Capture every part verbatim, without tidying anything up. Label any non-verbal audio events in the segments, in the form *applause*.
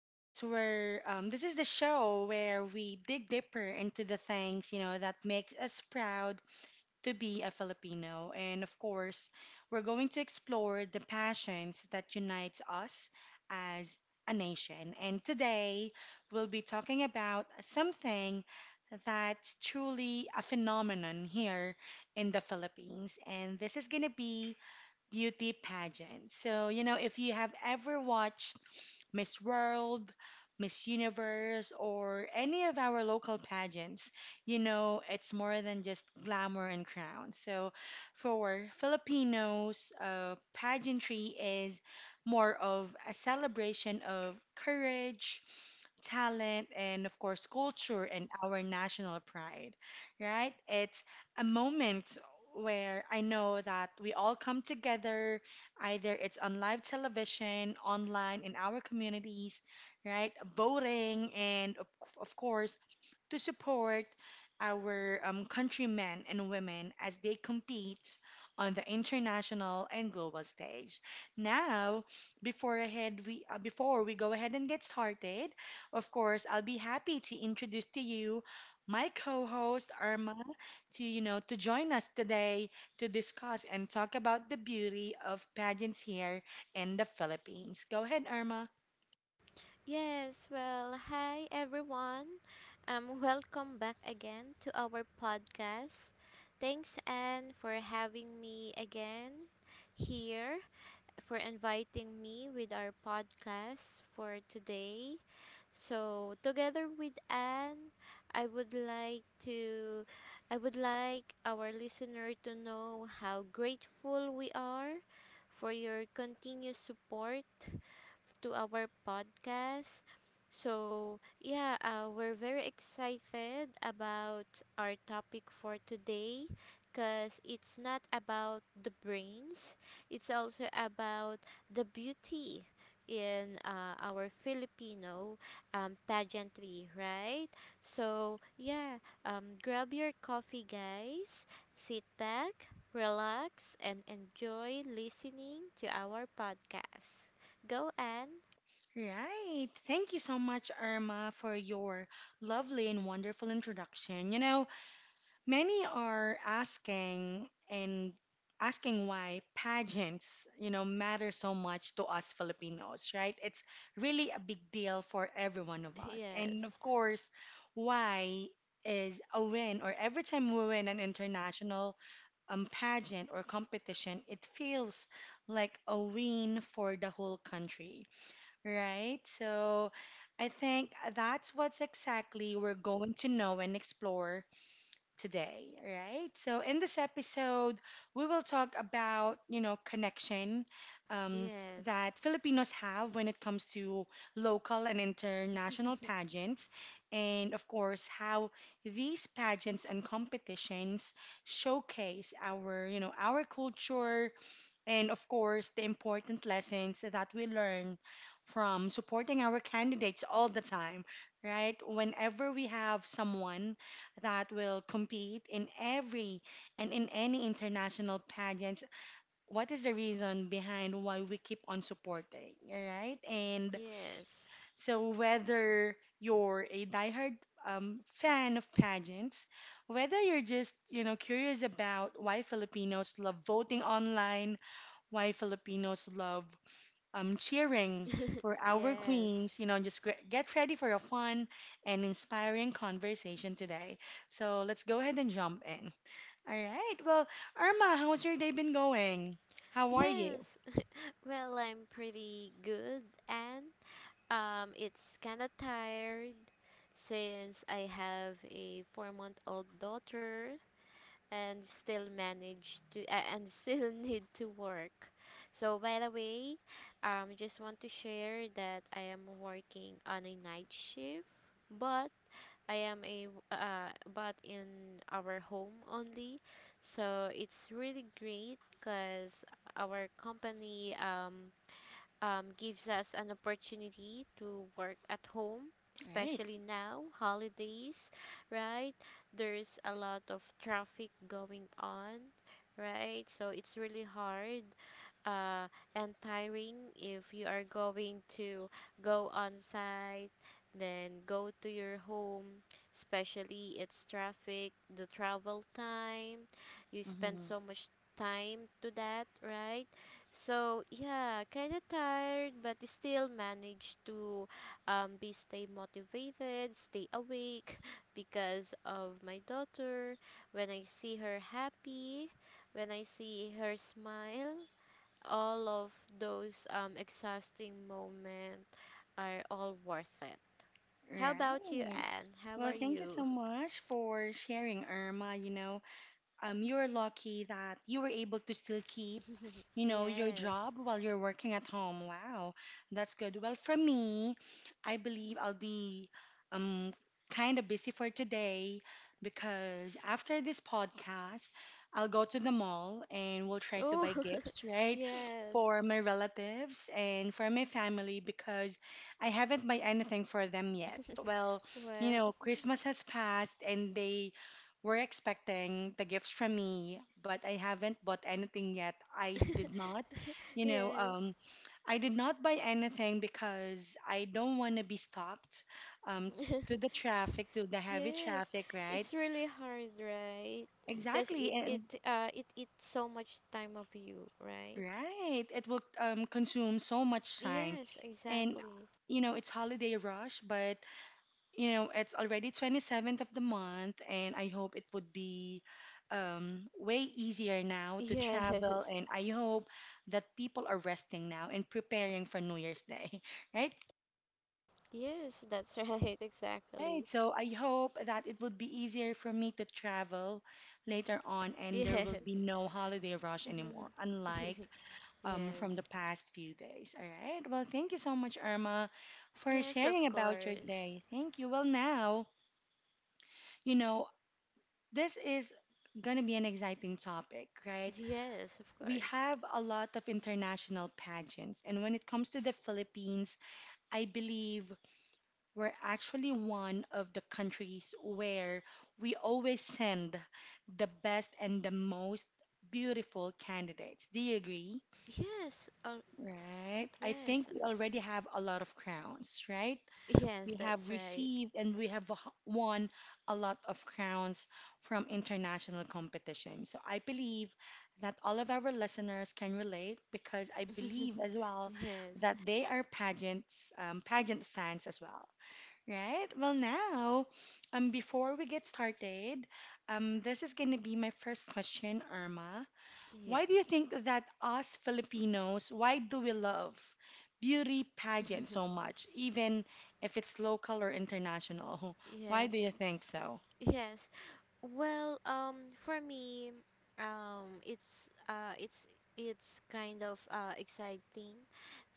this is where um, this is the show where we dig deeper into the things you know that makes us proud to be a Filipino. And of course, we're going to explore the passions that unites us as a nation. And today, we'll be talking about something that's truly a phenomenon here in the Philippines. And this is going to be beauty pageant. So, you know, if you have ever watched Miss World, Miss Universe, or any of our local pageants, you know, it's more than just glamour and crowns. So for Filipinos, uh, pageantry is more of a celebration of courage, talent, and of course, culture and our national pride, right? It's a moment where I know that we all come together, either it's on live television, online, in our communities, right? Voting, and of, of course, to support our um, countrymen and women as they compete on the international and global stage. Now, before ahead we uh, before we go ahead and get started, of course, I'll be happy to introduce to you my co-host Arma to you know to join us today to discuss and talk about the beauty of pageants here in the Philippines. Go ahead, Irma. Yes, well, hi everyone. Um, welcome back again to our podcast. Thanks, Anne, for having me again here, for inviting me with our podcast for today. So, together with Anne, I would like to, I would like our listener to know how grateful we are for your continuous support to our podcast. So, yeah, uh, we're very excited about our topic for today because it's not about the brains, it's also about the beauty in uh, our Filipino um, pageantry, right? So, yeah, um, grab your coffee, guys, sit back, relax, and enjoy listening to our podcast. Go, Anne. Right. Thank you so much, Irma, for your lovely and wonderful introduction. You know, many are asking and asking why pageants, you know, matter so much to us Filipinos, right? It's really a big deal for every one of us. And of Yes. course, why is a win, or every time we win an international um, pageant or competition, it feels like a win for the whole country, right? So I think that's what's exactly we're going to know and explore today, right? So in this episode, we will talk about, you know, connection um, Yes. that Filipinos have when it comes to local and international *laughs* pageants, and of course, how these pageants and competitions showcase our, you know, our culture, and of course, the important lessons that we learn from supporting our candidates all the time, right? Whenever we have someone that will compete in every and in any international pageants, what is the reason behind why we keep on supporting, right? And Yes. so, whether you're a diehard um, fan of pageants, whether you're just you know curious about why Filipinos love voting online, why Filipinos love um, cheering *laughs* for our Yes. queens. You know, just gre- get ready for a fun and inspiring conversation today. So let's go ahead and jump in. All right. Well, Irma, how's your day been going? How are you? Yes. *laughs* Well, I'm pretty good and um it's kind of tired since I have a four-month-old daughter and still manage to uh, and still *laughs* need to work. So, by the way, um just want to share that I am working on a night shift, but I am a uh, but in our home only. So it's really great because our company um, um, gives us an opportunity to work at home, All right. especially now, holidays, right? There's a lot of traffic going on, right? So it's really hard uh, and tiring if you are going to go on site then go to your home, especially it's traffic, the travel time you spend Mm-hmm. so much time to that, right? So, yeah, kind of tired but still manage to um, be stay motivated, stay awake *laughs* because of my daughter. When I see her happy, when I see her smile, all of those um, exhausting moments are all worth it. How about you, Right. Anne? How are Well, thank you so you? much for sharing, Irma. You know, um, you're lucky that you were able to still keep, *laughs* you know, your Yes. job while you're working at home. Wow, that's good. Well, for me, I believe I'll be um kind of busy for today because after this podcast, I'll go to the mall and we'll try to Oh, buy gifts, *laughs* right? yes. For my relatives and for my family because I haven't buy anything for them yet. *laughs* Well, you Well, know, Christmas has passed and they were expecting the gifts from me, but I haven't bought anything yet. I did not, *laughs* you know, yes. um, I did not buy anything because I don't want to be stopped um, to the *laughs* traffic, to the heavy Yes. traffic, right? It's really hard, right? Because Exactly, it, it, and uh, it eats so much time of you, right? right, it will um, consume so much time, Yes, and exactly. you know, it's holiday rush, but you know, it's already twenty-seventh of the month, and I hope it would be um, way easier now to travel. Yes. *laughs* And I hope that people are resting now and preparing for New Year's Day, *laughs* right? Yes, that's right, *laughs* Right. exactly. So I hope that it would be easier for me to travel later on, and there Yes. will be no holiday rush anymore, *laughs* unlike um, from the Yes. past few days. All right. Well, thank you so much, Irma, for Yes, of sharing about your course. day. Thank you. Well, now, you know, this is going to be an exciting topic, right? Yes, of We course. have a lot of international pageants, and when it comes to the Philippines, I believe we're actually one of the countries where we always send the best and the most beautiful candidates. Do you agree? Yes. Oh, Right? I yes. think we already have a lot of crowns, right? Yes, We have that's right. received and we have h- won a lot of crowns from international competition. So I believe that all of our listeners can relate because I believe as *laughs* well Yes. that they are pageants, um, pageant fans as well, right? Well, now, um, before we get started, um, this is going to be my first question, Irma. Why do you Yes. think that us Filipinos, why do we love beauty pageant so *laughs* much, even if it's local or international? *laughs* Why do Yes. you think so? Yes. Well, um, for me, um, it's uh, it's it's kind of uh, exciting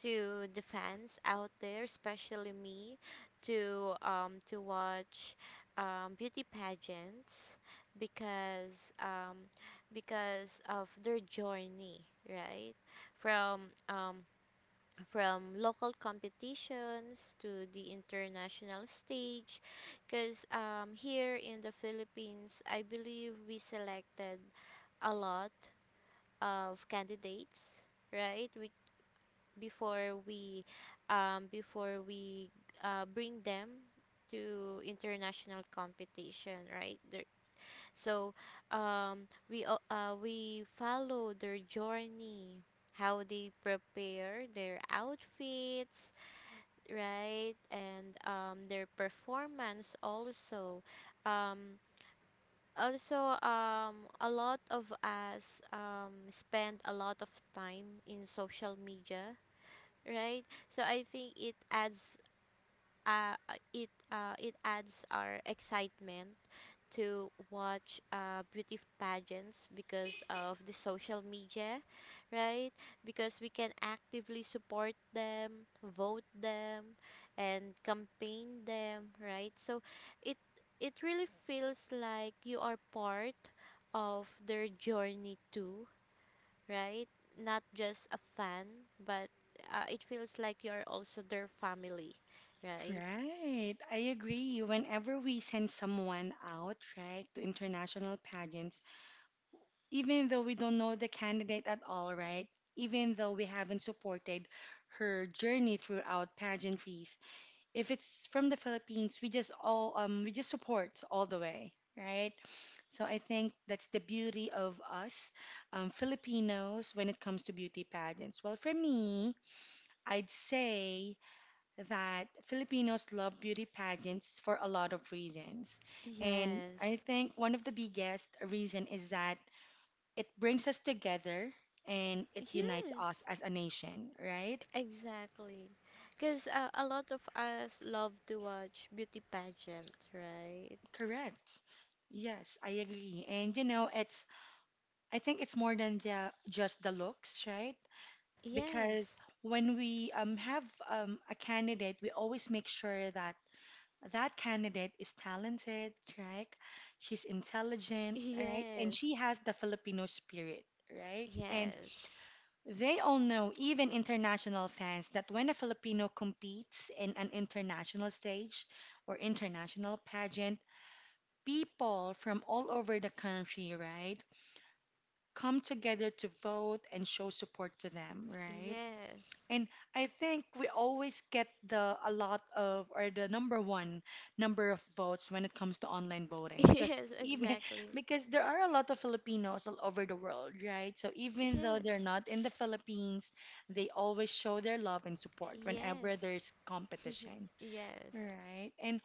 to the fans out there, especially me, to um, to watch um, beauty pageants because um, because of their journey, right? From um, from local competitions to the international stage, because um, here in the Philippines I believe we selected a lot of candidates, right? we, before we um, before we uh, bring them to international competition, right there. So, um, we al- uh, we follow their journey, how they prepare their outfits, right? And um their performance also, um also um a lot of us um spend a lot of time in social media, right? So I think it adds uh, uh, it uh, it adds our excitement to watch uh, beauty pageants because of the social media, right? Because we can actively support them, vote them, and campaign them, right? So it it really feels like you are part of their journey too, right? Not just a fan, but uh, it feels like you are also their family, right? Right, I agree. Whenever we send someone out, right, to international pageants, even though we don't know the candidate at all, right, even though we haven't supported her journey throughout pageantries, if it's from the Philippines, we just all um we just support all the way, right? So I think that's the beauty of us um, Filipinos when it comes to beauty pageants. Well, for me, I'd say that Filipinos love beauty pageants for a lot of reasons. And I Yes. think one of the biggest reason is that it brings us together and it unites us Yes. as a nation, right? Exactly. Because uh, a lot of us love to watch beauty pageant, right? Correct. Yes, I agree. And you know, it's I think it's more than the, just the looks, right? Because Yes. when we um, have um, a candidate, we always make sure that that candidate is talented, right? She's intelligent, right? And Yes. she has the Filipino spirit, right? And Yes. they all know, even international fans, that when a Filipino competes in an international stage or international pageant, people from all over the country, right, come together to vote and show support to them, right? Yes. And I think we always get the a lot of or the number one number of votes when it comes to online voting, *laughs* because Yes, even *laughs* exactly. because there are a lot of Filipinos all over the world, right? So even though they're Yes. not in the Philippines, they always show their love and support whenever Yes. there's competition, Yes. right? And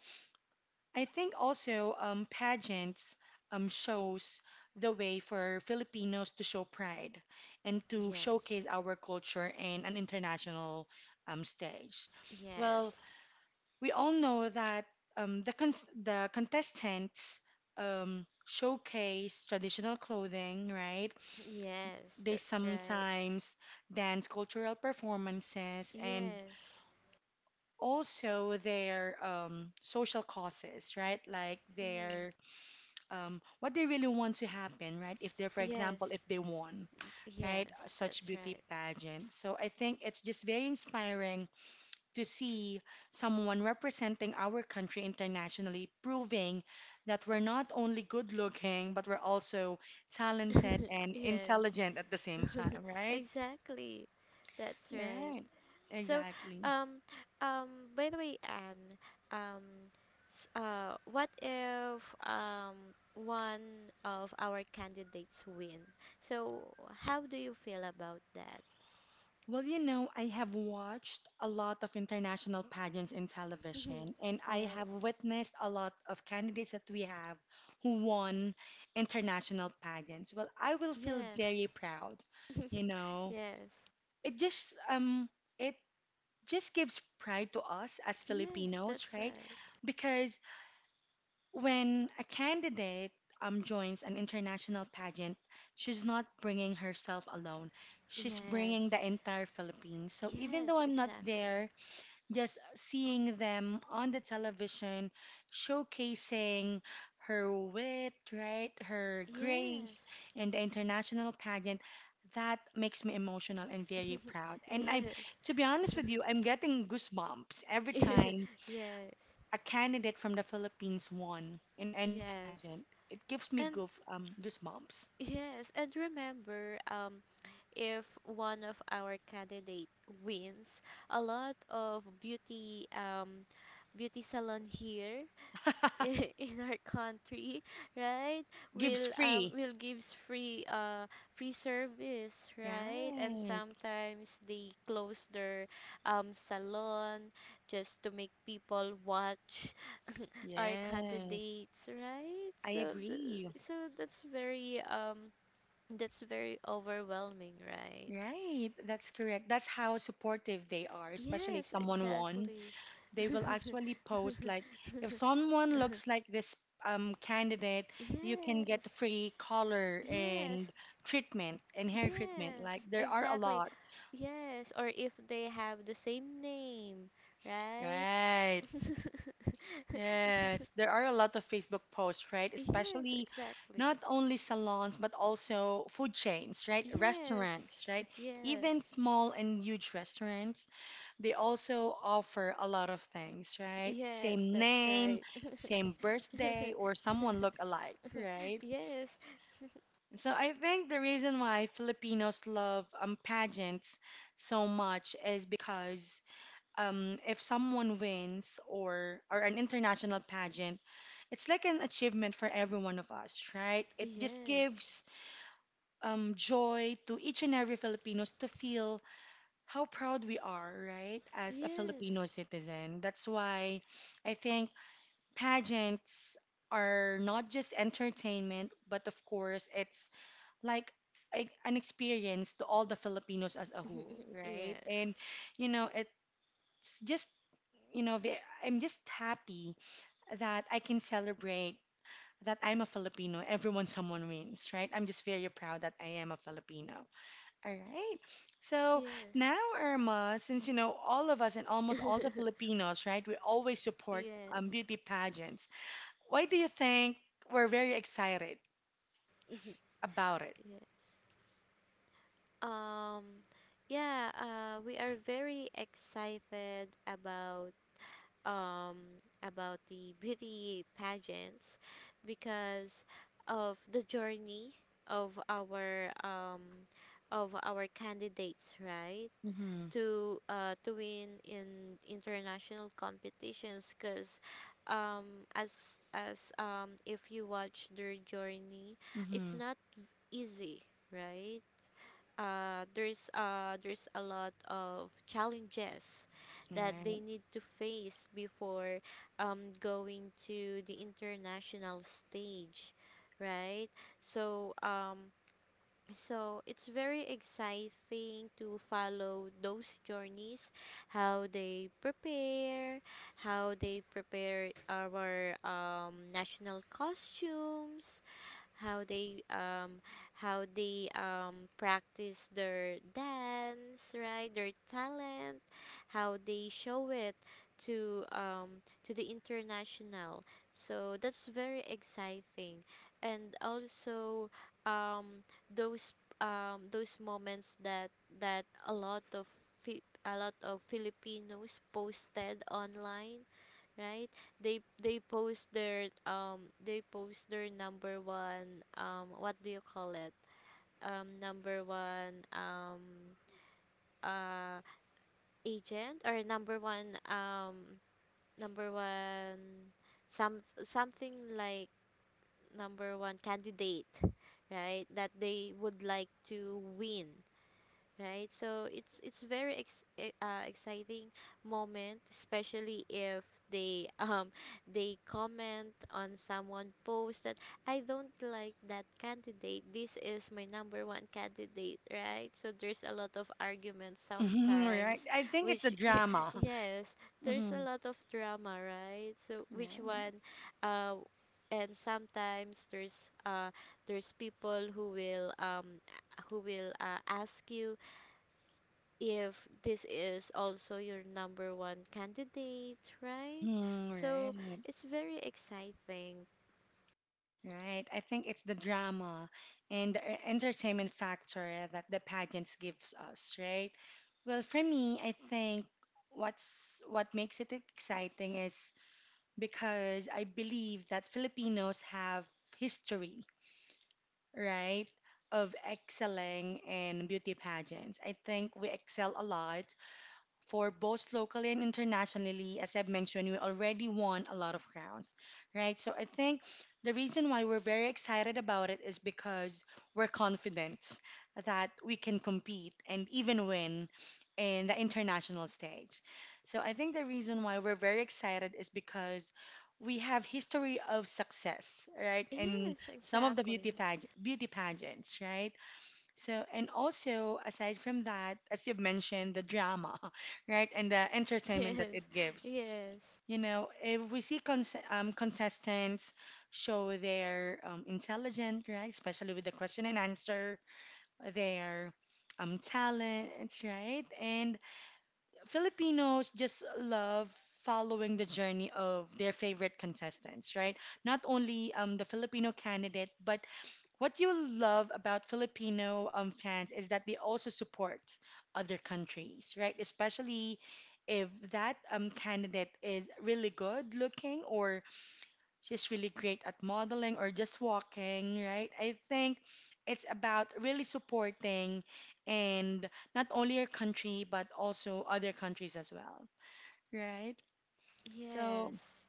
I think also um, pageants um, shows the way for Filipinos to show pride and to Yes. showcase our culture in an international um, stage. Well, Yes. we all know that um, the cons the contestants um, showcase traditional clothing, right? Yes, They that's right. sometimes dance cultural performances and Yes. also their um, social causes, right? Like Mm. their um, what they really want to happen, right? If they're, for example, Yes. if they won, right, Yes, such that's beauty pageant. So I think it's just very inspiring to see someone representing our country internationally, proving that we're not only good looking, but we're also talented right. *laughs* and Yes. intelligent at the same *laughs* time, right? Exactly. That's right. Right, So, exactly. um, um, by the way, Anne, um, s- uh, what if um one of our candidates win? So, how do you feel about that? Well, you know, I have watched a lot of international pageants in *laughs* television, and I have Yes. witnessed a lot of candidates that we have who won international pageants. Well, I will feel Yes. very proud, you *laughs* know. Yes. It just um it just gives pride to us as Yes, Filipinos, that's right? right. Because when a candidate um, joins an international pageant, she's not bringing herself alone. She's bringing Yes. the entire Philippines. So even though Yes, I'm not exactly. there, just seeing them on the television showcasing her wit, right, her grace Yes. in the international pageant, that makes me emotional and very proud. *laughs* And I'm, Yes. to be honest with you, I'm getting goosebumps every *laughs* time Yes. a candidate from the Philippines won in any Yes. pageant, it gives me And goof um goosebumps. yes, and remember, um, if one of our candidate wins, a lot of beauty um beauty salon here *laughs* *laughs* in our country, right? Gives Will um free. will gives free uh free service, right? And Right. sometimes they close their um salon just to make people watch our Yes. candidates, right? I So th- agree. so that's very um that's very overwhelming, right? Right. That's correct. That's how supportive they are, especially if Yes, someone won. exactly. They *laughs* will actually post like if someone looks like this um candidate, you can Yes. get free color and Yes. treatment and hair treatment. Like Yes, there are a exactly. lot. Yes, or if they have the same name, right? Right. Yes, there are a lot of Facebook posts, right? Yes, Especially exactly. not only salons, but also food chains, right? Restaurants, Yes. right? Even Yes. small and huge restaurants, they also offer a lot of things, right? Yes, Same that's name, right. same birthday, or someone look alike, *laughs* right? Yes. So I think the reason why Filipinos love um, pageants so much is because um, if someone wins or or an international pageant, it's like an achievement for every one of us, right? It just Yes. gives um, joy to each and every Filipinos to feel how proud we are, right, as a Filipino Yes. citizen. That's why I think pageants are not just entertainment, but of course, it's like a, an experience to all the Filipinos as a whole, *laughs* right? And Yes. you know, it's just you know, ve- I'm just happy that I can celebrate that I'm a Filipino. Everyone, someone wins, right? I'm just very proud that I am a Filipino. All right. So Yes. now, Irma, since you know all of us and almost all the *laughs* Filipinos, right, we always support um, Yes. beauty pageants. Why do you think we're very excited *laughs* about it? Yeah. Um yeah, uh we are very excited about um about the beauty pageants because of the journey of our um of our candidates, right? Mm-hmm. to uh, to win in international competitions because, um, as as um, if you watch their journey it's Mm-hmm. not easy, right? Uh, there's uh, there's a lot of challenges that they Right. *laughs* need to face before um, going to the international stage, right? So um, so it's very exciting to follow those journeys, how they prepare, how they prepare our um, national costumes, how they um how they um practice their dance, right? Their talent, how they show it to um to the international. So that's very exciting. And also um those um those moments that that a lot of Fi- a lot of Filipinos posted online, right? They they post their um they post their number one um what do you call it? Um number one um uh agent, or number one um number one some something like number one candidate, right? That they would like to win, right? So it's it's very ex- e- uh, exciting moment, especially if they *laughs* um they comment on someone post that, "I don't like that candidate. This is my number one candidate," right? So there's a lot of arguments Mm-hmm, right. sometimes, I think it's a which *laughs* drama. *laughs* yes, there's a Mm-hmm. lot of drama, right? So which Right. one, uh. And sometimes there's uh, there's people who will um, who will uh, ask you if this is also your number one candidate, right? Mm-hmm, So right. it's very exciting. Right. I think it's the drama and the e- entertainment factor that the pageants gives us, right? Well, for me, I think what's what makes it exciting is because I believe that Filipinos have history, right, of excelling in beauty pageants. I think we excel a lot for both locally and internationally. As I've mentioned, we already won a lot of rounds, right? So I think the reason why we're very excited about it is because we're confident that we can compete and even win in the international stage. So I think the reason why we're very excited is because we have history of success, right? In Yes, some of the beauty exactly. *laughs* page beauty pageants, right? So, and also aside from that, as you've mentioned, the drama, *laughs* right, and the entertainment that it Yes, gives. You know, if we see cons um, contestants show their um, intelligent, right, especially with the question and answer, their um, talents, right, and Filipinos just love following the journey of their favorite contestants, right? Not only um, the Filipino candidate, but what you love about Filipino um, fans is that they also support other countries, right? Especially if that um, candidate is really good looking or she's really great at modeling or just walking, right? I think it's about really supporting and not only your country, but also other countries as well, right? yes, So, yes,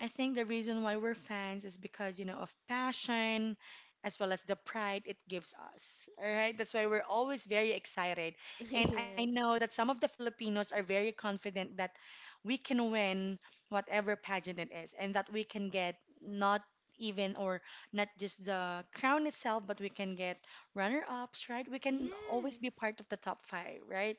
I think the reason why we're fans is because, you know, of passion as well as the pride it gives us. All right. That's why we're always very excited. And I *laughs* know that some of the Filipinos are very confident that we can win whatever pageant it is and that we can get not even or not just the crown itself, but we can get runner ups, right? We yes, can always be yes, part of the top five, right?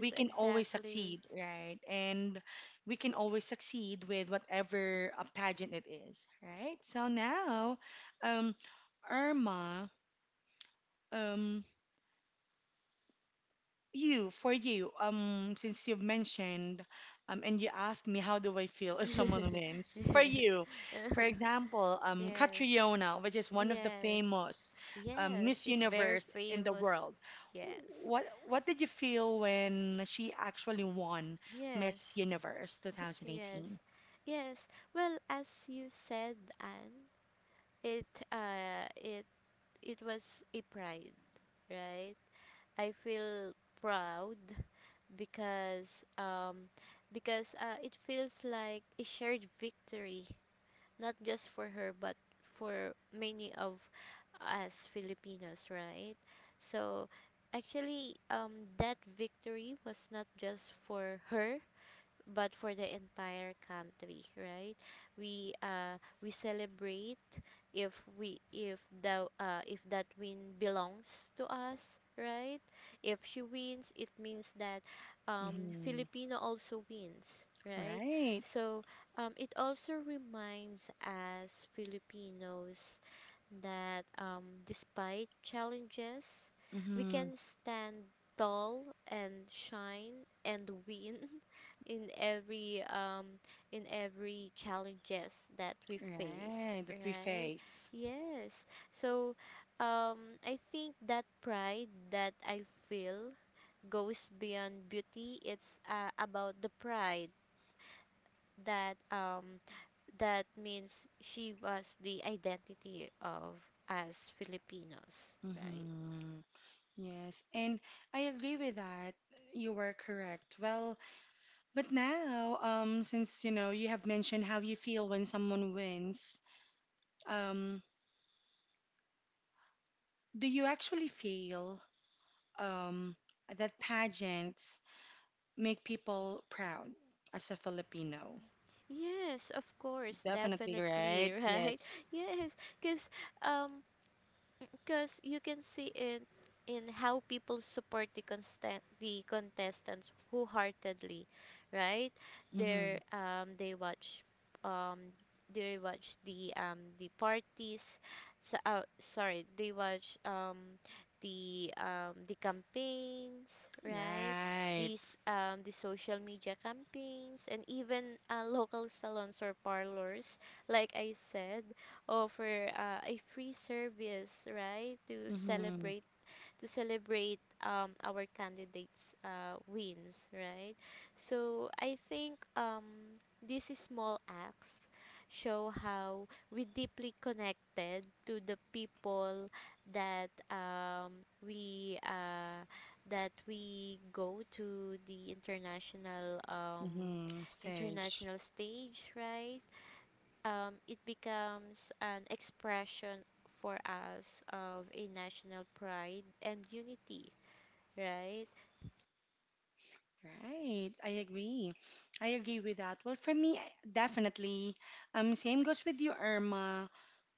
We can always exactly. succeed, right? And we can always succeed with whatever a pageant it is, right? So now, um, Irma, um, you, for you, um, since you've mentioned, um, and you asked me how do I feel if *laughs* someone wins, for you, for example, um, Yes, Catriona, which is one of the yes, famous um, yes, Miss she's very Universe in the famous. world, Yes, what what did you feel when she actually won yes, Miss Universe yes, twenty eighteen? yes. Well, as you said, Anne, it uh, it it was a pride, right? I feel proud because um because, uh, it feels like a shared victory, not just for her but for many of us Filipinos, right? So actually, um that victory was not just for her but for the entire country, right? We uh we celebrate, if we if the uh if that win belongs to us, right? If she wins, it means that um Mm-hmm. Filipino also wins, right? Right. So um it also reminds us Filipinos that, um despite challenges, we Mm-hmm. can stand tall and shine and *laughs* win in every um in every challenges that we face, Right. That we right? face. Yes. So um I think that pride that I feel goes beyond beauty. It's uh, about the pride that, um that means she was the identity of us Filipinos, right? Mm-hmm. Yes, and I agree with that. You were correct. Well, but now, um, since you know you have mentioned how you feel when someone wins, um, do you actually feel um, that pageants make people proud as a Filipino? Yes, of course, Definitely, right? definitely. *laughs* Right. Yes. Yes, because um because you can see it in how people support the constant the contestants wholeheartedly, right? Mm-hmm. They um they watch, um they watch the um the parties, so, uh, sorry, they watch um the um the campaigns, right? Right. These um the social media campaigns, and even uh, local salons or parlors, like I said, offer uh, a free service, right, to Mm-hmm. celebrate to celebrate um, our candidates' uh, wins, right? So I think, um, these small acts show how we deeply connected to the people that, um, we uh, that we go to the international um, Mm-hmm. Stage. international stage, right? Um, it becomes an expression for us of a national pride and unity, right? Right, I agree. I agree with that. Well, for me, I- definitely. Um, same goes with you, Irma.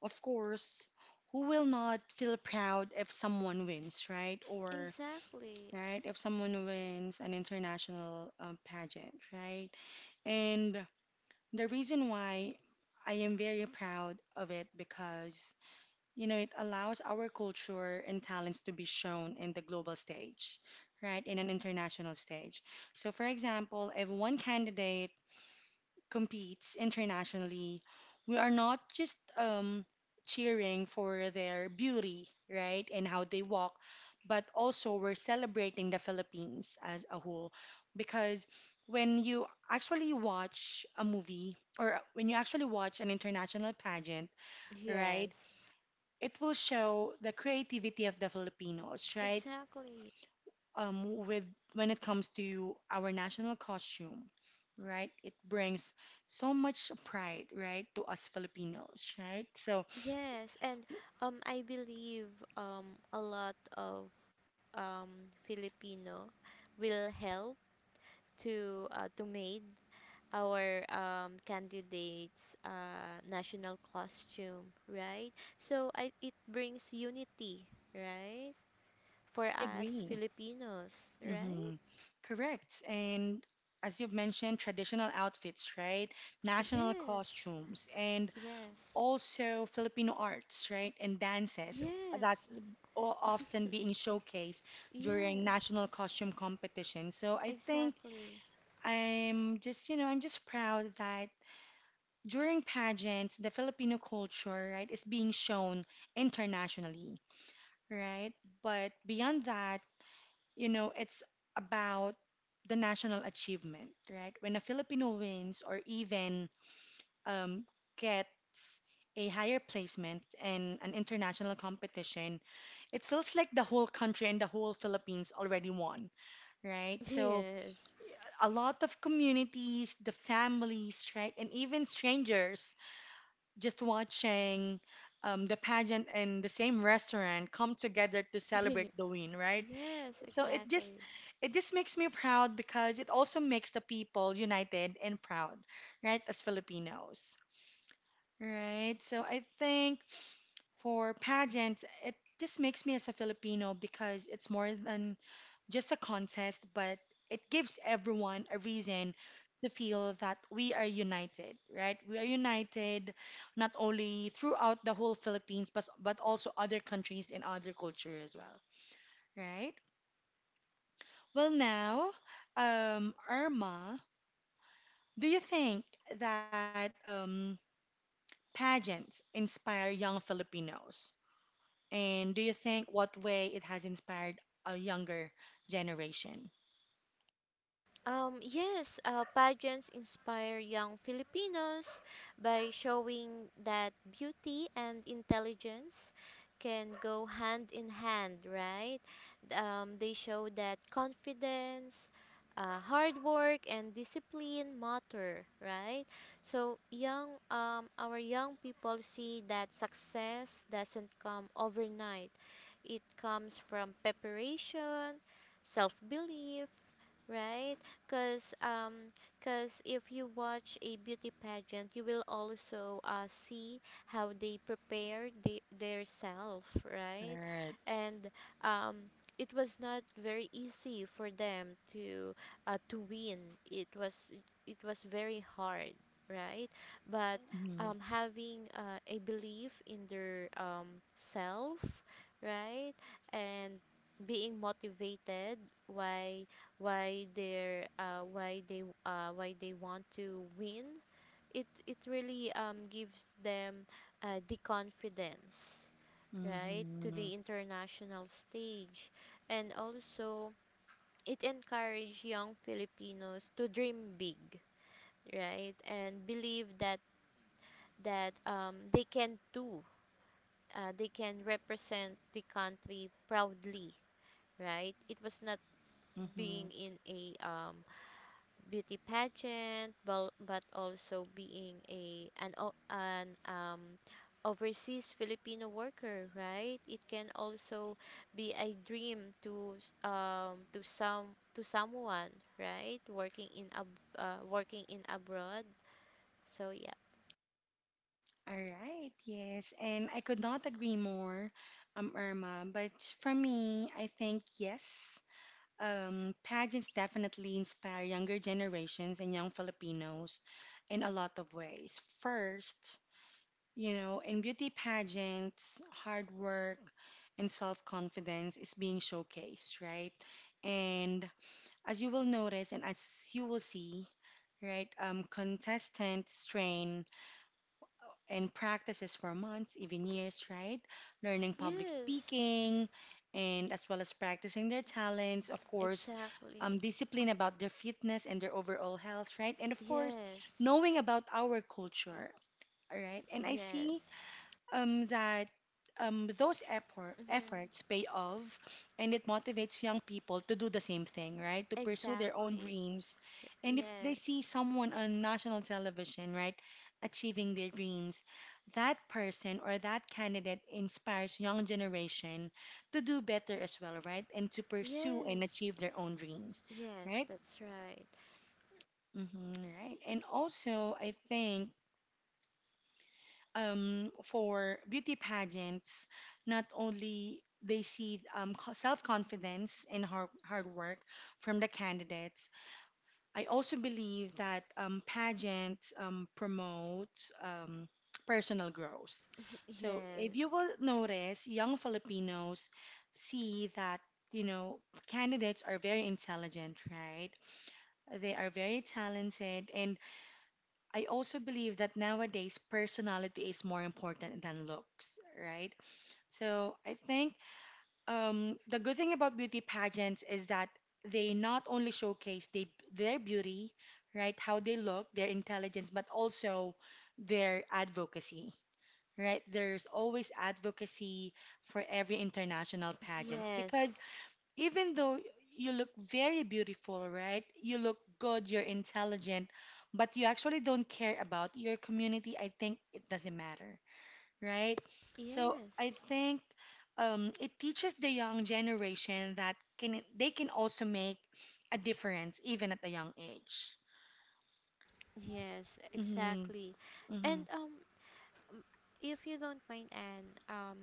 Of course, who will not feel proud if someone wins, right? Or, Exactly. right, if someone wins an international um, pageant, right? And the reason why I am very proud of it because you know, it allows our culture and talents to be shown in the global stage, right? In an international stage. So, for example, if one candidate competes internationally, we are not just um, cheering for their beauty, right? And how they walk, but also we're celebrating the Philippines as a whole. Because when you actually watch a movie or when you actually watch an international pageant, right? Yes, It will show the creativity of the Filipinos, right? exactly. Um, with when it comes to our national costume, right? It brings so much pride, right, to us Filipinos, right? So Yes, and um, I believe um, a lot of um, Filipino will help to uh, to made our um, candidates uh, national costume, right? So I it brings unity, right, for I us agree. Filipinos, hmm right? Correct. And as you've mentioned, traditional outfits, right? National Yes, costumes. And yes, also Filipino arts, right, and dances yes, that's o- *laughs* often being showcased during yes, national costume competition. So I think exactly. I'm just, you know, I'm just proud that during pageants, the Filipino culture, right, is being shown internationally, right? But beyond that, you know, it's about the national achievement, right? When a Filipino wins or even um, gets a higher placement in an international competition, it feels like the whole country and the whole Philippines already won, right? So Yes, a lot of communities, the families, right, and even strangers just watching um, the pageant in the same restaurant come together to *laughs* celebrate the win, right? yes, So it just exactly. it just makes me proud because it also makes the people united and proud, right, as Filipinos. Right. So I think for pageants, it just makes me as a Filipino because it's more than just a contest, but it gives everyone a reason to feel that we are united, right? We are united not only throughout the whole Philippines, but, but also other countries and other culture as well, right? Well, now, um, Irma, do you think that um, pageants inspire young Filipinos? And do you think what way it has inspired a younger generation? Um, yes, uh, pageants inspire young Filipinos by showing that beauty and intelligence can go hand in hand, right? Um, they show that confidence, uh, hard work, and discipline matter, right? So young, um, our young people see that success doesn't come overnight. It comes from preparation, self-belief, right? because um, 'cause if you watch a beauty pageant, you will also uh, see how they prepare the, their self, right. Right. And um, it was not very easy for them to uh, to win. It was it was very hard, right. But Mhm, um, having uh, a belief in their um, self, right, and being motivated why why they're uh, why they uh, why they want to win, it it really um, gives them uh, the confidence, right, to mhm, the international stage. And also it encourage young Filipinos to dream big, right, and believe that that um, they can do uh, they can represent the country proudly, right. It was not being mhm. in a um, beauty pageant, but, but also being a an o- an um, overseas Filipino worker, right? It can also be a dream to s- um to some to someone, right? Working in ab uh, working in abroad. So, yeah. All right, yes, and I could not agree more, um, Irma. But for me, I think yes, um, pageants definitely inspire younger generations and young Filipinos in a lot of ways. First, you know, in beauty pageants, hard work and self-confidence is being showcased, right? And as you will notice and as you will see, right, um, contestants train and practices for months, even years, right? Learning public Yes, speaking and as well as practicing their talents, of course, um, exactly. discipline about their fitness and their overall health, right? And of course, Yes. knowing about our culture, all right? And I see Yes. um, that um, those effort, Mm-hmm. efforts pay off and it motivates young people to do the same thing, right? To pursue their own Exactly. dreams. And if they see Yes. someone on national television, right, achieving their dreams, that person or that candidate inspires young generation to do better as well, right? And to pursue and Yes. achieve their own dreams, Yes, right? that's right. Mm-hmm, right. And also, I think um, for beauty pageants, not only they see um, co- self-confidence and hard, hard work from the candidates, I also believe that um, pageants um, promote um, personal growth. *laughs* So if Yes. you will notice, young Filipinos see that, you know, candidates are very intelligent, right? They are very talented and I also believe that nowadays personality is more important than looks, right? So I think um, the good thing about beauty pageants is that they not only showcase they, their beauty, right, how they look, their intelligence, but also their advocacy, right? There's always advocacy for every international pageants Yes, because even though you look very beautiful, right? You look good, you're intelligent, but you actually don't care about your community. I think it doesn't matter, right? So I yes, think um, it teaches the young generation that can they can also make a difference even at a young age. yes, hmm exactly. hmm And um, m- if you don't mind, Anne, um,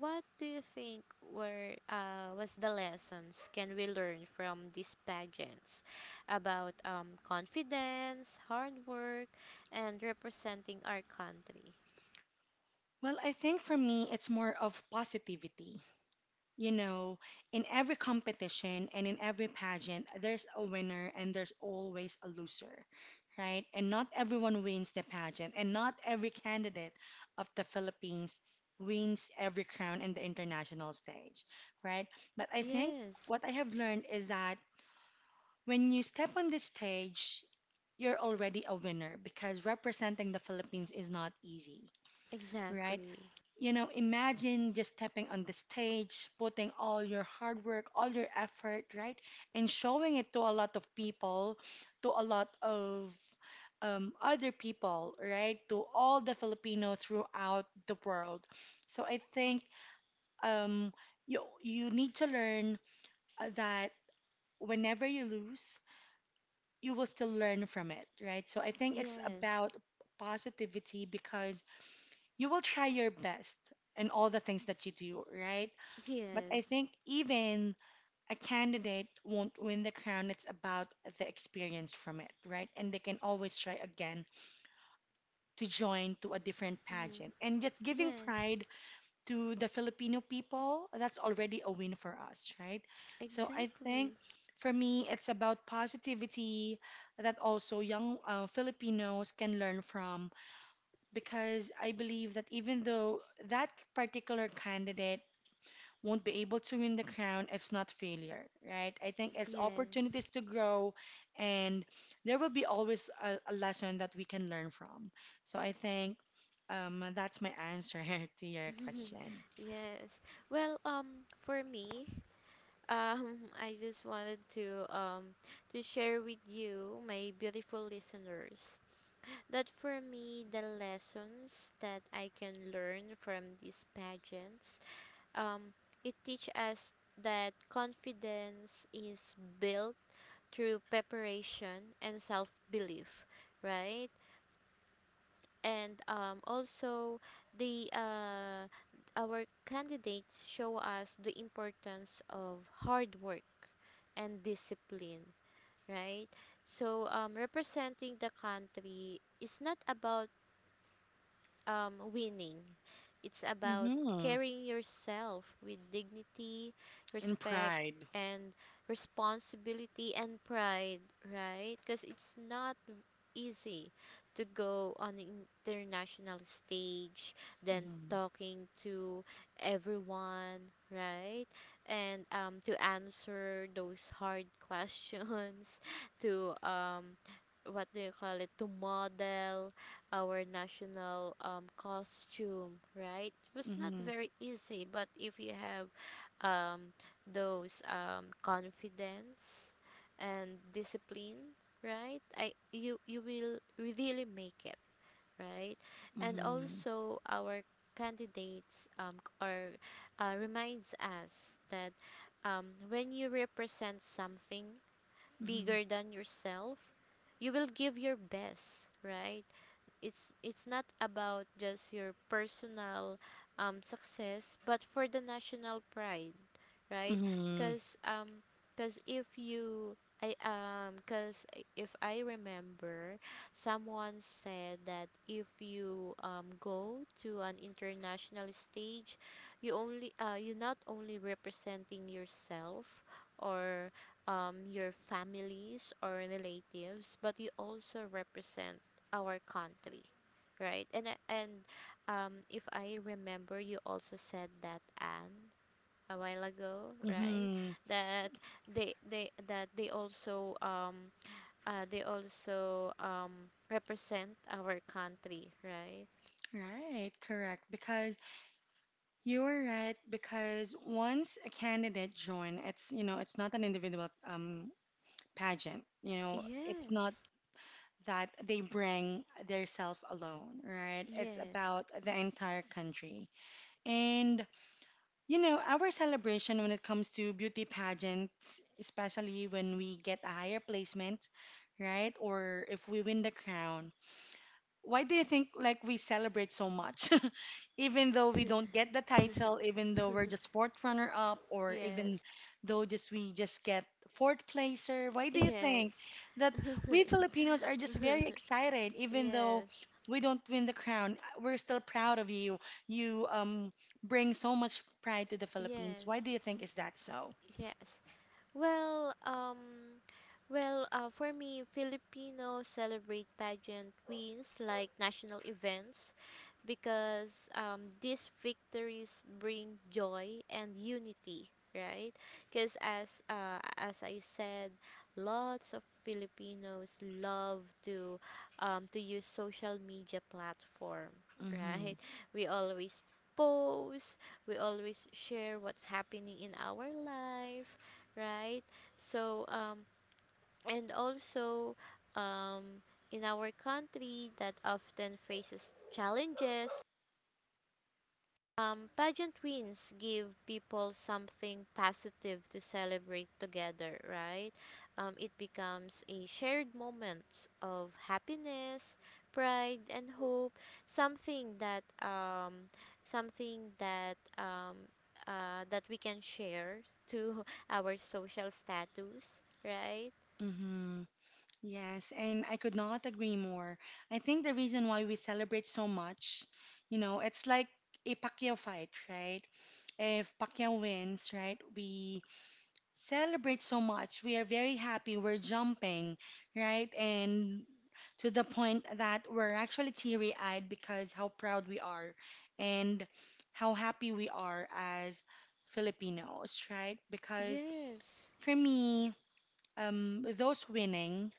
what do you think were uh was the lessons can we learn from these pageants about um confidence, hard work, and representing our country? Well, I think for me, it's more of positivity. You know, in every competition and in every pageant, there's a winner and there's always a loser, right? And not everyone wins the pageant, and not every candidate of the Philippines wins every crown in the international stage, right? But I think Yes, what I have learned is that when you step on this stage, you're already a winner because representing the Philippines is not easy, right? exactly. You know, imagine just stepping on the stage, putting all your hard work, all your effort, right? And showing it to a lot of people, to a lot of um, other people, right? To all the Filipino throughout the world. So I think um, you you need to learn uh, that whenever you lose, you will still learn from it, right? So I think it's Yes, about positivity because you will try your best in all the things that you do, right? But I yes, think even a candidate won't win the crown. It's about the experience from it, right? And they can always try again to join to a different mm-hmm. pageant. And just giving Yes, pride to the Filipino people, that's already a win for us, right? So I think exactly. for me, it's about positivity that also young uh, Filipinos can learn from because I believe that even though that particular candidate won't be able to win the crown if it's not failure, right? I think it's Yes. opportunities to grow, and there will be always a, a lesson that we can learn from. So I think um, that's my answer *laughs* to your *laughs* question. Yes. Well, um, for me, um, *laughs* I just wanted to um to share with you, my beautiful listeners, that for me the lessons that I can learn from these pageants, um, it teach us that confidence is built through preparation and self belief, right? And um, also the uh, our candidates show us the importance of hard work and discipline, right? So um, representing the country is not about um, winning. It's about Mm-hmm. carrying yourself with dignity, And respect, pride. and responsibility and pride, right? Because it's not easy to go on the international stage, then Mm-hmm. talking to everyone, right? And um, to answer those hard questions, *laughs* to um, what do you call it? To model our national um, costume, right? It was not Mm-hmm. very easy, but if you have um, those um, confidence and discipline, right? I you you will really make it, right? And Mm-hmm. also our candidates um, c- are uh, reminds us that um, when you represent something Mm-hmm. bigger than yourself, you will give your best, right? it's it's not about just your personal um, success but for the national pride, right? Mm-hmm. Because um because if you I um because if i remember someone said that if you um go to an international stage, you only uh you not only representing yourself or um your families or relatives but you also represent our country, right? And and um if i remember you also said that, Anne, a while ago, right? Mm-hmm. That they they that they also um uh, they also um represent our country, right? Right, correct. Because you were right. Because once a candidate join, it's you know it's not an individual um pageant. You know, it's not Yes, that they bring their self alone, right? It's yes, about the entire country. And you know, our celebration when it comes to beauty pageants, especially when we get a higher placement, right? Or if we win the crown, why do you think like we celebrate so much *laughs* even though we *laughs* don't get the title, even though we're just fourth runner up, or yes, even though just we just get fourth placer? Why do you think yes, that *laughs* we Filipinos are just very excited? Even though yes, we don't win the crown, we're still proud of you. You um bring so much pride to the Philippines. yes, Why do you think is that so? yes. Well, um, well, uh, for me, Filipinos celebrate pageant wins like national events because um, these victories bring joy and unity, right? Because as uh, as I said, lots of Filipinos love to um, to use social media platform, Mm-hmm. right? We always post, we always share what's happening in our life, right? So, um, and also, um, in our country that often faces challenges, um, pageant wins give people something positive to celebrate together, right? Um, it becomes a shared moment of happiness, pride, and hope. Something that um, something that um, uh, that we can share to *laughs* our social status, right? Mm-hmm. Yes, and I could not agree more. I think the reason why we celebrate so much, you know, it's like a Pacquiao fight, right? If Pacquiao wins, right, we celebrate so much. We are very happy. We're jumping, right? And to the point that we're actually teary-eyed because how proud we are and how happy we are as Filipinos, right? Because Yes, for me, um, those winning,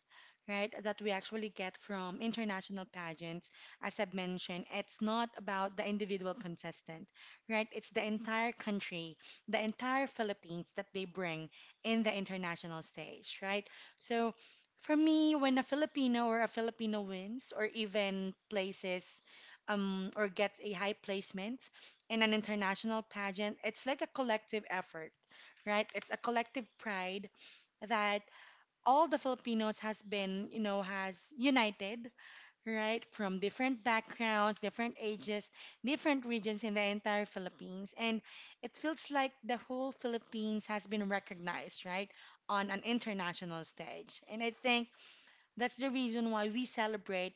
right, that we actually get from international pageants, as I've mentioned, it's not about the individual contestant, right? It's the entire country, the entire Philippines that they bring in the international stage, right? So for me, when a Filipino or a Filipino wins or even places um, or gets a high placement in an international pageant, it's like a collective effort, right? It's a collective pride that all the Filipinos has been, you know, has united, right? From different backgrounds, different ages, different regions in the entire Philippines. And it feels like the whole Philippines has been recognized, right? On an international stage. And I think that's the reason why we celebrate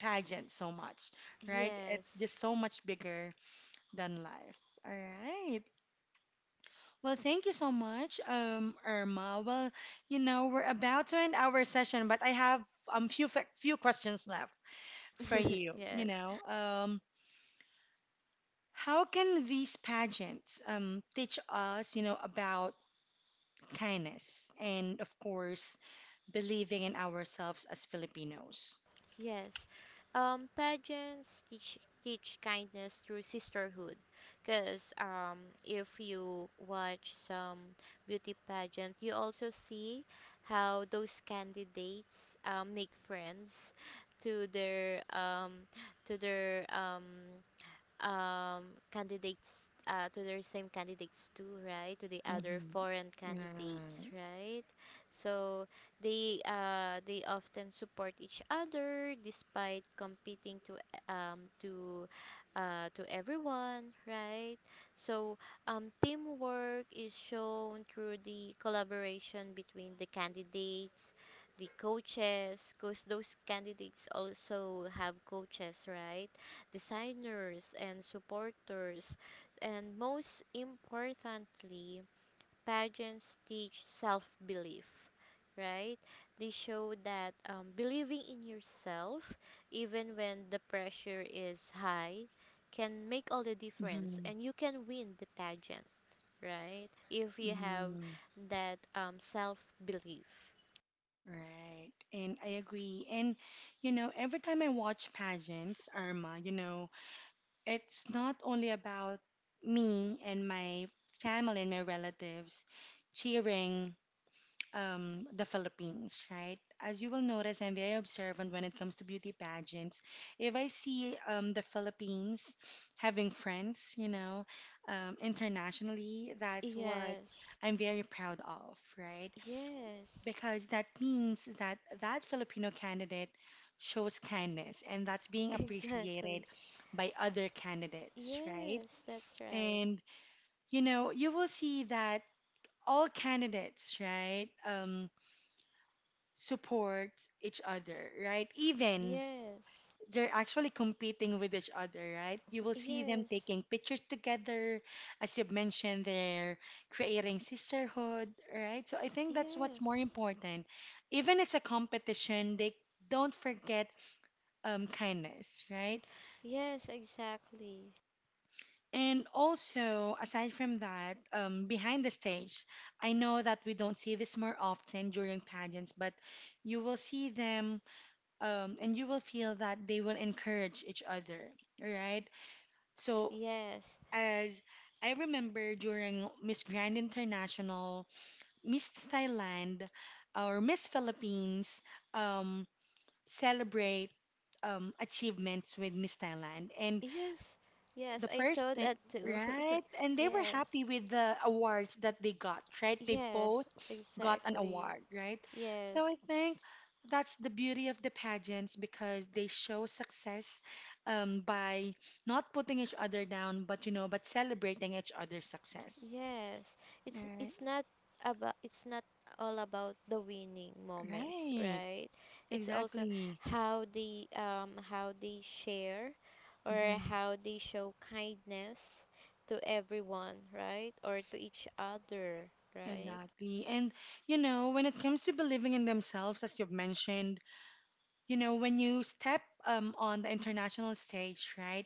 pageants so much, right? It's yes, just so much bigger than life. All right. Well, thank you so much, um, Irma. Well, you know, we're about to end our session, but I have um few fa- few questions left for *laughs* you. You yes, know, um, how can these pageants um teach us, you know, about kindness and of course believing in ourselves as Filipinos? yes. Um, pageants teach teach kindness through sisterhood, because um, if you watch some beauty pageant, you also see how those candidates um, make friends to their um to their um um, candidates, uh, to their same candidates too, right? To the other Mm-hmm. foreign candidates, Right. right? So they uh, they often support each other despite competing to um, to uh, to everyone, right? So um, teamwork is shown through the collaboration between the candidates. The coaches, because those candidates also have coaches, right? Designers and supporters, and most importantly, pageants teach self belief, right? They show that um, believing in yourself, even when the pressure is high, can make all the Mm-hmm. difference and you can win the pageant, right? If you have Mm-hmm. that um, self belief. Right. And I agree. And you know, every time I watch pageants, Irma, you know, it's not only about me and my family and my relatives cheering um, the Philippines, right? As you will notice, I'm very observant when it comes to beauty pageants. If I see um, the Philippines having friends, you know, um, internationally, that's what Yes, I'm very proud of, right? yes, Because that means that that Filipino candidate shows kindness and that's being *laughs* appreciated exactly. by other candidates, right? Yes, that's right. And you know, you will see that all candidates, right, um, support each other, right? Even Yes, they're actually competing with each other, right? You will see them yes, taking pictures together. As you've mentioned, they're creating sisterhood, right? So I think that's what's more yes, important. Even it's a competition, they don't forget um, kindness, right? yes, exactly. And also, aside from that, um, behind the stage, I know that we don't see this more often during pageants, but you will see them um, and you will feel that they will encourage each other, right? So Yes, as I remember during Miss Grand International, Miss Thailand, or Miss Philippines um, celebrate um, achievements with Miss Thailand. And yes, the yes, I first saw thing, that too. right? And *laughs* they were Yes, happy with the awards that they got, right? They yes, both got an exactly. award, right? So Yes. I think that's the beauty of the pageants because they show success um, by not putting each other down, but you know, but celebrating each other's success. Yes. It's Right, it's not about it's not all about the winning moments, right, right? It's also exactly. how they um how they share or Hmm. how they show kindness to everyone, right? Or to each other, right? Exactly. And you know, when it comes to believing in themselves, as you've mentioned, you know, when you step um, on the international stage, right,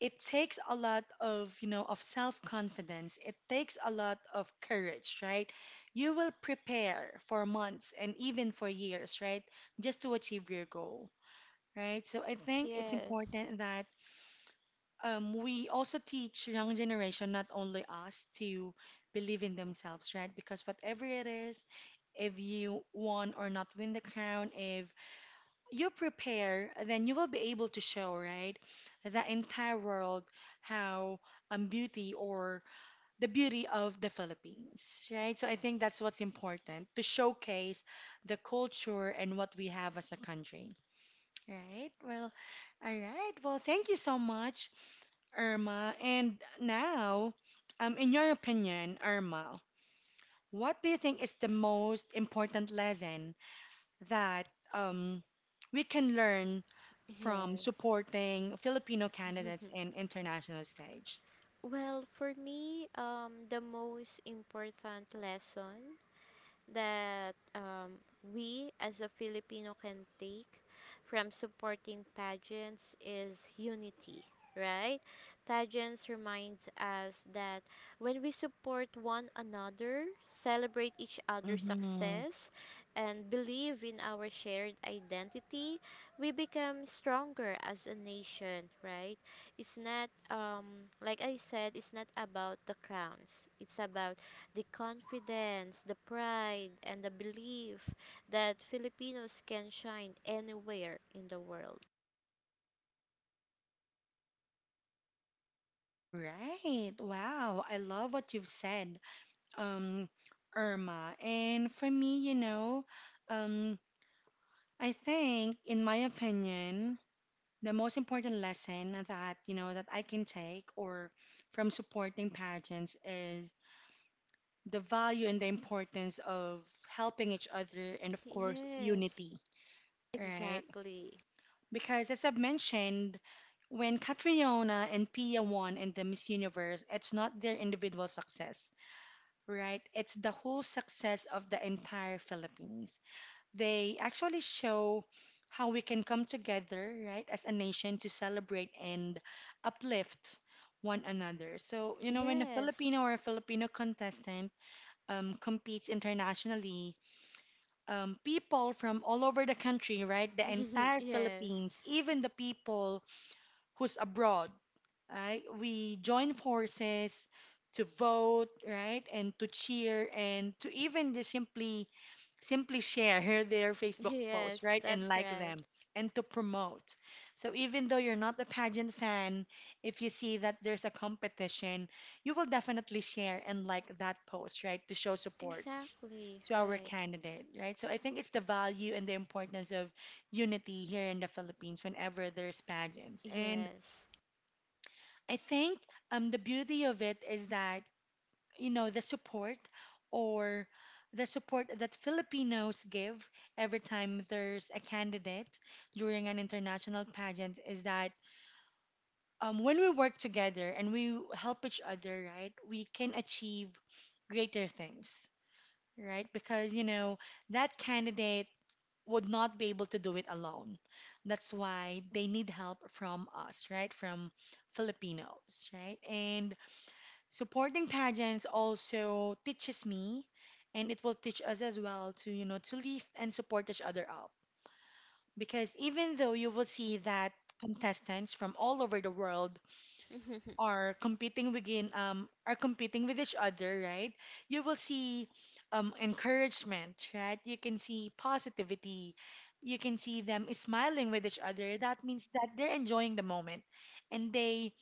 it takes a lot of, you know, of self-confidence. It takes a lot of courage, right? You will prepare for months and even for years, right, just to achieve your goal, right? So I think it's Yes. important that um, we also teach young generation, not only us, to believe in themselves, right? Because whatever it is, if you won or not win the crown, if you prepare, then you will be able to show, right, the entire world how um, beauty or the beauty of the Philippines, right? So I think that's what's important to showcase the culture and what we have as a country, right? Well, all right. Well, thank you so much, Irma. And now, um, in your opinion, Irma, what do you think is the most important lesson that um, we can learn from Yes. supporting Filipino candidates *laughs* in international stage? Well, for me, um the most important lesson that um, we as a Filipino can take from supporting pageants is unity, right? Pageants reminds us that when we support one another, celebrate each other's Mm-hmm. success, and believe in our shared identity, we become stronger as a nation, right? It's not um like I said, it's not about the crowns. It's about the confidence, the pride, and the belief that Filipinos can shine anywhere in the world. Right. Wow. I love what you've said, um, Irma. And for me, you know, um, I think, in my opinion, the most important lesson that, you know, that I can take or from supporting pageants is the value and the importance of helping each other and, of course, Yes, unity, right? exactly. Because, as I've mentioned, when Catriona and Pia won in the Miss Universe, it's not their individual success, right? It's the whole success of the entire Philippines. They actually show how we can come together, right, as a nation to celebrate and uplift one another. So, you know, when a Yes. Filipino or a Filipino contestant um, competes internationally, um, people from all over the country, right, the *laughs* entire Yes. Philippines, even the people who's abroad, right? We join forces to vote, right? And to cheer and to even just simply simply share *laughs* their Facebook posts, Yes, right? And that's like right. them and to promote. So even though you're not a pageant fan, if you see that there's a competition, you will definitely share and like that post, right? To show support Exactly, to our right. candidate, right? So I think it's the value and the importance of unity here in the Philippines whenever there's pageants. And Yes. I think um, the beauty of it is that, you know, the support or the support that Filipinos give every time there's a candidate during an international pageant is that um, when we work together and we help each other, right, we can achieve greater things, right? Because, you know, that candidate would not be able to do it alone. That's why they need help from us, right? From Filipinos, right? And supporting pageants also teaches me and it will teach us as well to, you know, to lift and support each other up, because even though you will see that contestants from all over the world *laughs* are competing within um are competing with each other, right, you will see um encouragement, right, you can see positivity, you can see them smiling with each other, that means that they're enjoying the moment, and they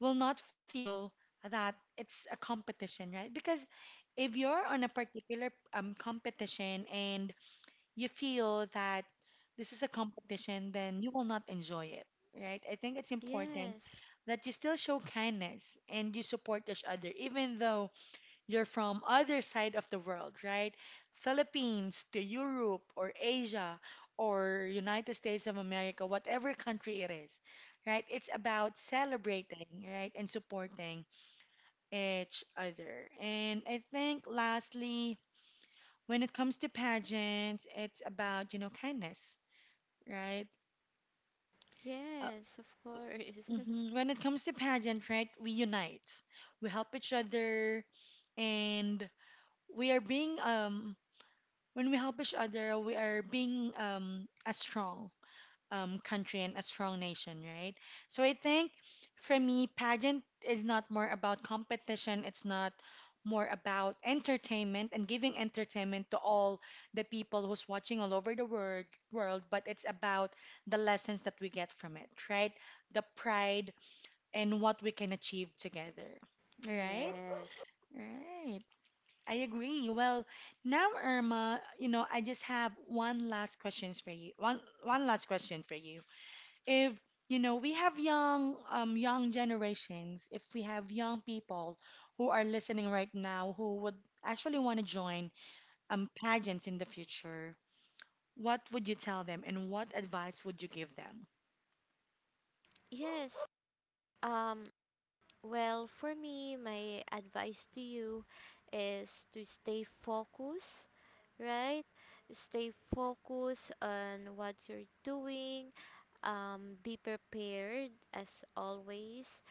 will not feel that it's a competition, right? Because if you're on a particular um, competition and you feel that this is a competition, then you will not enjoy it, right? I think it's important Yes. that you still show kindness and you support each other, even though you're from other side of the world, right? Philippines to Europe or Asia or United States of America, whatever country it is, right? It's about celebrating, right, and supporting each other. And I think lastly, when it comes to pageants, it's about, you know, kindness, right? Uh, Yes, of course. *laughs* mhm. When it comes to pageant, right, we unite. We help each other and we are being um when we help each other, we are being um, a strong um, country and a strong nation, right? So I think for me, pageant is not more about competition. It's not more about entertainment and giving entertainment to all the people who's watching all over the world, world, but it's about the lessons that we get from it, right? The pride and what we can achieve together. Right? Yes. Right. I agree. Well, now, Irma, you know, I just have one last questions for you. One one last question for you. If, you know, we have young um young generations, if we have young people who are listening right now who would actually want to join um pageants in the future, what would you tell them and what advice would you give them? Yes. Um Well, for me, my advice to you is to stay focused, right? Stay focused on what you're doing. Um, be prepared as always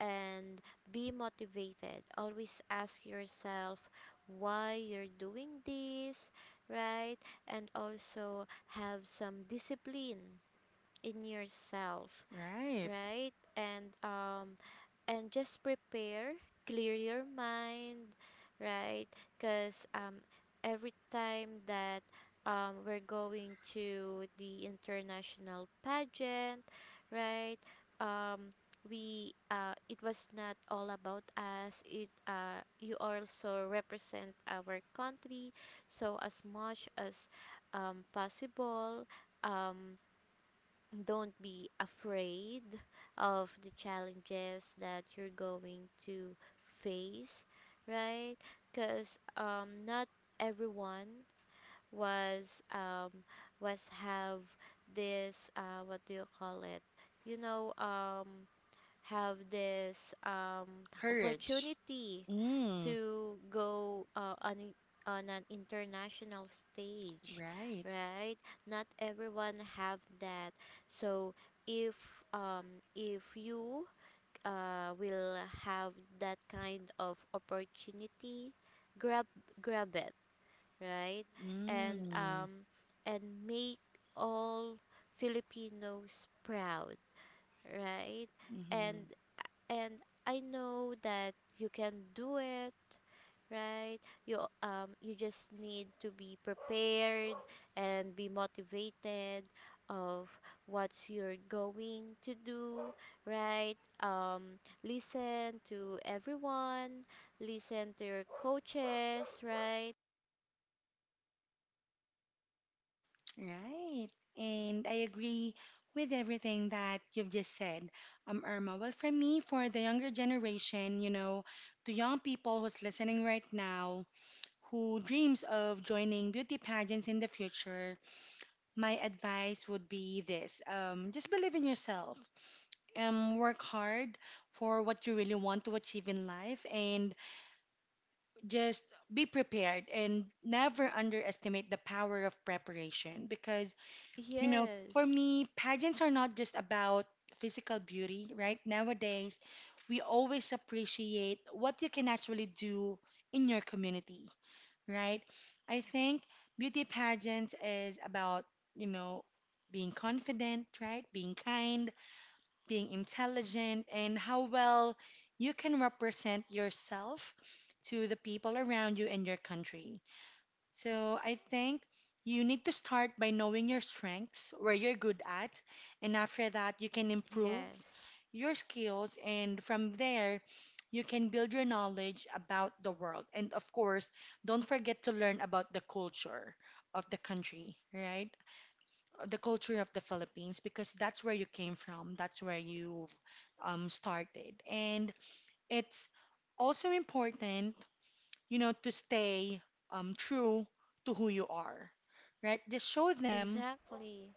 and be motivated. Always ask yourself why you're doing this, right? And also have some discipline in yourself, Right. right? And um, and just prepare, clear your mind, right? Because um, every time that um, we're going to the international pageant, right, um, we uh, it was not all about us, it uh, you also represent our country. So as much as um, possible, um, don't be afraid of the challenges that you're going to face, right? Because um, not everyone was um, was have this uh, what do you call it? You know, um, have this um, Courage. opportunity Mm, to go uh, on on an international stage, right. right? Not everyone have that. So if um, if you uh, will have that kind of opportunity, grab grab it, right? And Mm, um, and make all Filipinos proud, right? mhm. And and I know that you can do it, right? You um you just need to be prepared and be motivated of what's you're going to do, right? Um, listen to everyone, listen to your coaches, right? Right. And I agree with everything that you've just said, um, Irma. Well, for me, for the younger generation, you know, to young people who's listening right now, who dreams of joining beauty pageants in the future, my advice would be this: um, just believe in yourself. Um, work hard for what you really want to achieve in life, and just be prepared and never underestimate the power of preparation because you know, for Yes. me, pageants are not just about physical beauty, right? Nowadays, we always appreciate what you can actually do in your community, right? I think beauty pageants is about, you know, being confident, right? Being kind, being intelligent, and how well you can represent yourself to the people around you and your country. So I think you need to start by knowing your strengths, where you're good at, and after that, you can improve Yes. your skills. And from there, you can build your knowledge about the world. And of course, don't forget to learn about the culture of the country, right? The culture of the Philippines, because that's where you came from, that's where you've um, started. And it's also important, you know, to stay um, true to who you are, right? Just show them, Exactly.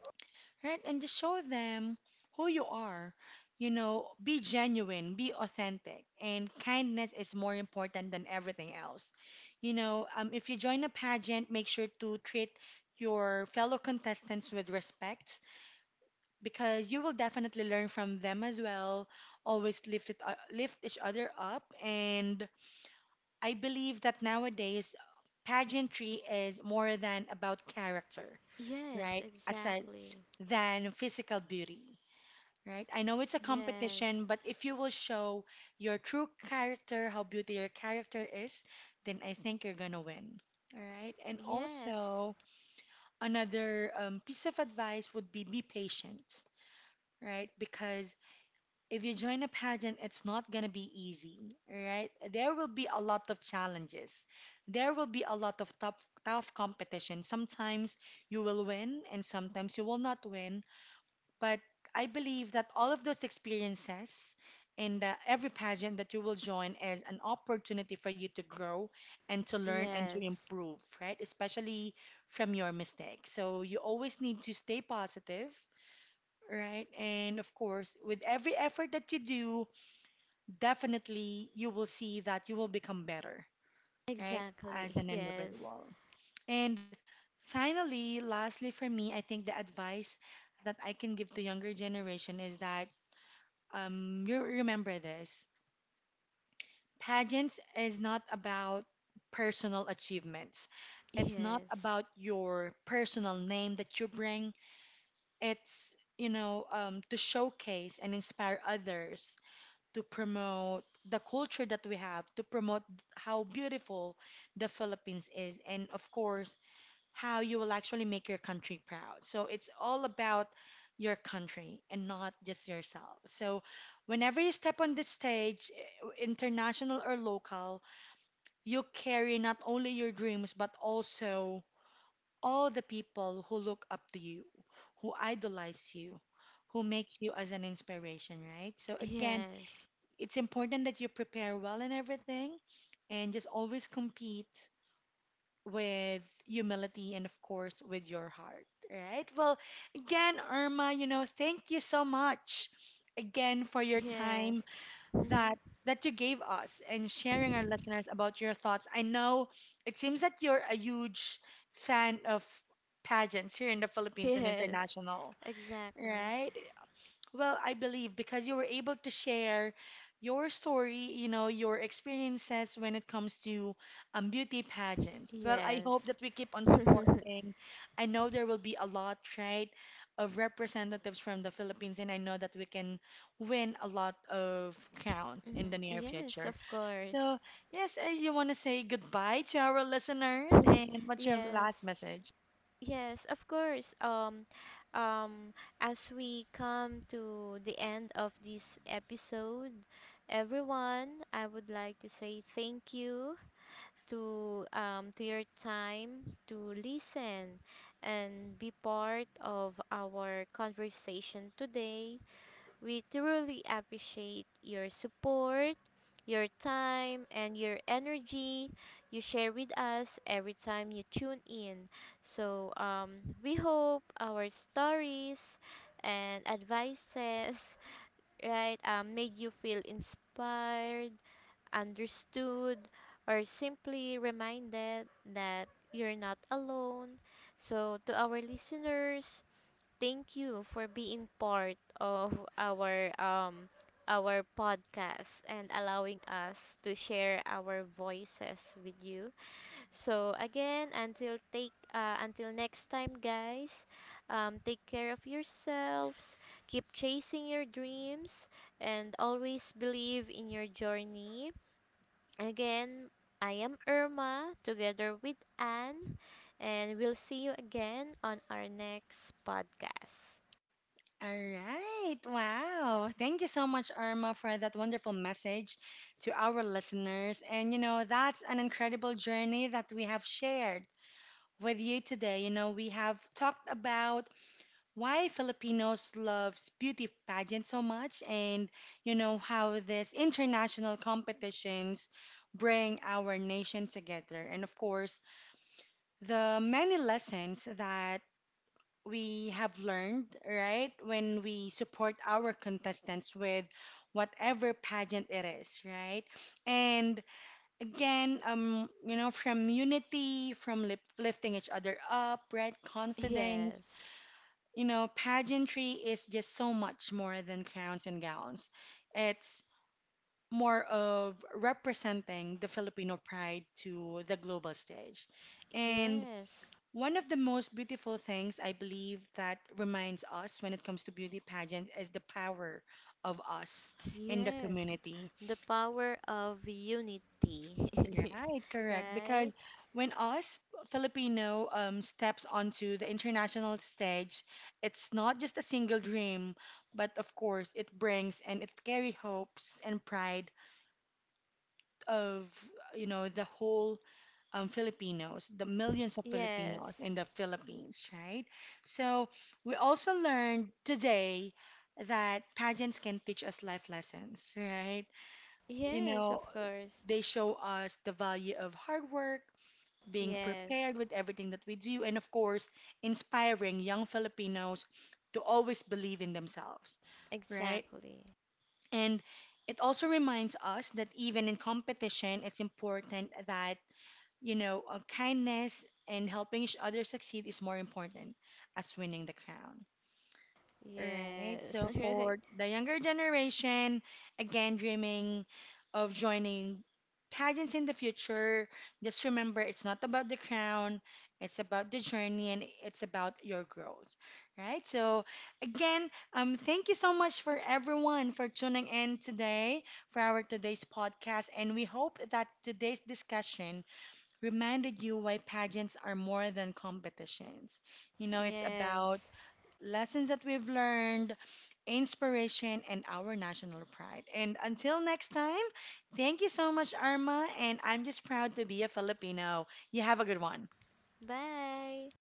right? And just show them who you are. You know, be genuine, be authentic, and kindness is more important than everything else. You know, um, if you join a pageant, make sure to treat your fellow contestants with respect because you will definitely learn from them as well. Always lift it, uh, lift each other up, and I believe that nowadays pageantry is more than about character, Yes, right? Aside exactly. than physical beauty, right? I know it's a Yes. competition, but if you will show your true character, how beauty your character is, then I think you're gonna win. All right. And Yes. also, another um, piece of advice would be be patient, right? Because if you join a pageant, it's not going to be easy, right? There will be a lot of challenges. There will be a lot of tough, tough competition. Sometimes you will win and sometimes you will not win. But I believe that all of those experiences and uh, every pageant that you will join is an opportunity for you to grow and to learn and to Yes. improve, right? Especially from your mistakes. So you always need to stay positive, right? And of course, with every effort that you do, definitely you will see that you will become better, right, Exactly. as an Yes. individual. And finally, lastly, for me, I think the advice that I can give to younger generation is that, um, you remember this: pageants is not about personal achievements. It's not Yes. about your personal name that you bring. It's, you know um, to showcase and inspire others, to promote the culture that we have, to promote how beautiful the Philippines is, and of course, how you will actually make your country proud. So it's all about your country and not just yourself. So whenever you step on the stage, eh, international or local, you carry not only your dreams but also all the people who look up to you, who idolize you, who makes you as an inspiration, right? So again, Yes. it's important that you prepare well in everything and just always compete with humility and, of course, with your heart, right? Well, again, Irma, you know, thank you so much again for your Yes. time Mm-hmm. that that you gave us and sharing our listeners about your thoughts. I know it seems that you're a huge fan of pageants here in the Philippines and Yes. international, Exactly. right? Well, I believe because you were able to share your story, you know, your experiences when it comes to, um, beauty pageants. Well, I Yes. hope that we keep on *laughs* supporting. I know there will be a lot, right, of representatives from the Philippines, and I know that we can win a lot of crowns Mhm. in the near Yes, future. of So, course. yes, uh, you want to say goodbye to our listeners, *laughs* and what's your Yes. last message? Yes, of course. Um um as we come to the end of this episode, everyone, I would like to say thank you to um, to your time to listen and be part of our conversation today. We truly appreciate your support, your time, and your energy you share with us every time you tune in. So um, we hope our stories and advices *laughs* right, um, made you feel inspired, understood, or simply reminded that you're not alone. So, to our listeners, thank you for being part of our um our podcast and allowing us to share our voices with you. So again, until take uh, until next time, guys. Um, take care of yourselves. Keep chasing your dreams and always believe in your journey. Again, I am Irma together with Anne, and we'll see you again on our next podcast. All right. Wow. Thank you so much, Irma, for that wonderful message to our listeners. And, you know, that's an incredible journey that we have shared with you today. You know, we have talked about why Filipinos loves beauty pageant so much and, you know, how these international competitions bring our nation together. And, of course, the many lessons that we have learned, right? When we support our contestants with whatever pageant it is, right? And again, um, you know, from unity, from lip lifting each other up, right? Confidence. Yes, You know, pageantry is just so much more than crowns and gowns. It's more of representing the Filipino pride to the global stage. And yes, one of the most beautiful things I believe that reminds us when it comes to beauty pageants is the power of us in the yes, community. the power of unity, Right, *laughs* correct. right? Because when us Filipino um, steps onto the international stage, it's not just a single dream, but of course it brings and it carry hopes and pride of, you know, the whole, um, Filipinos, the millions of Yes, Filipinos in the Philippines, right? So we also learned today that pageants can teach us life lessons, right? You yes, of know, course, they show us the value of hard work, being yes, prepared with everything that we do, and of course, inspiring young Filipinos to always believe in themselves, right? exactly, And it also reminds us that even in competition, it's important that, you know, uh, kindness and helping each other succeed is more important as winning the crown. Right. yes, So *laughs* right? for the younger generation, again, dreaming of joining pageants in the future, just remember it's not about the crown, it's about the journey and it's about your growth. Right. So again, um, thank you so much for everyone for tuning in today for our today's podcast. And we hope that today's discussion reminded you why pageants are more than competitions. You know, it's about Yes, lessons that we've learned, inspiration, and our national pride. And until next time, thank you so much, Arma. And I'm just proud to be a Filipino. You have a good one. bye.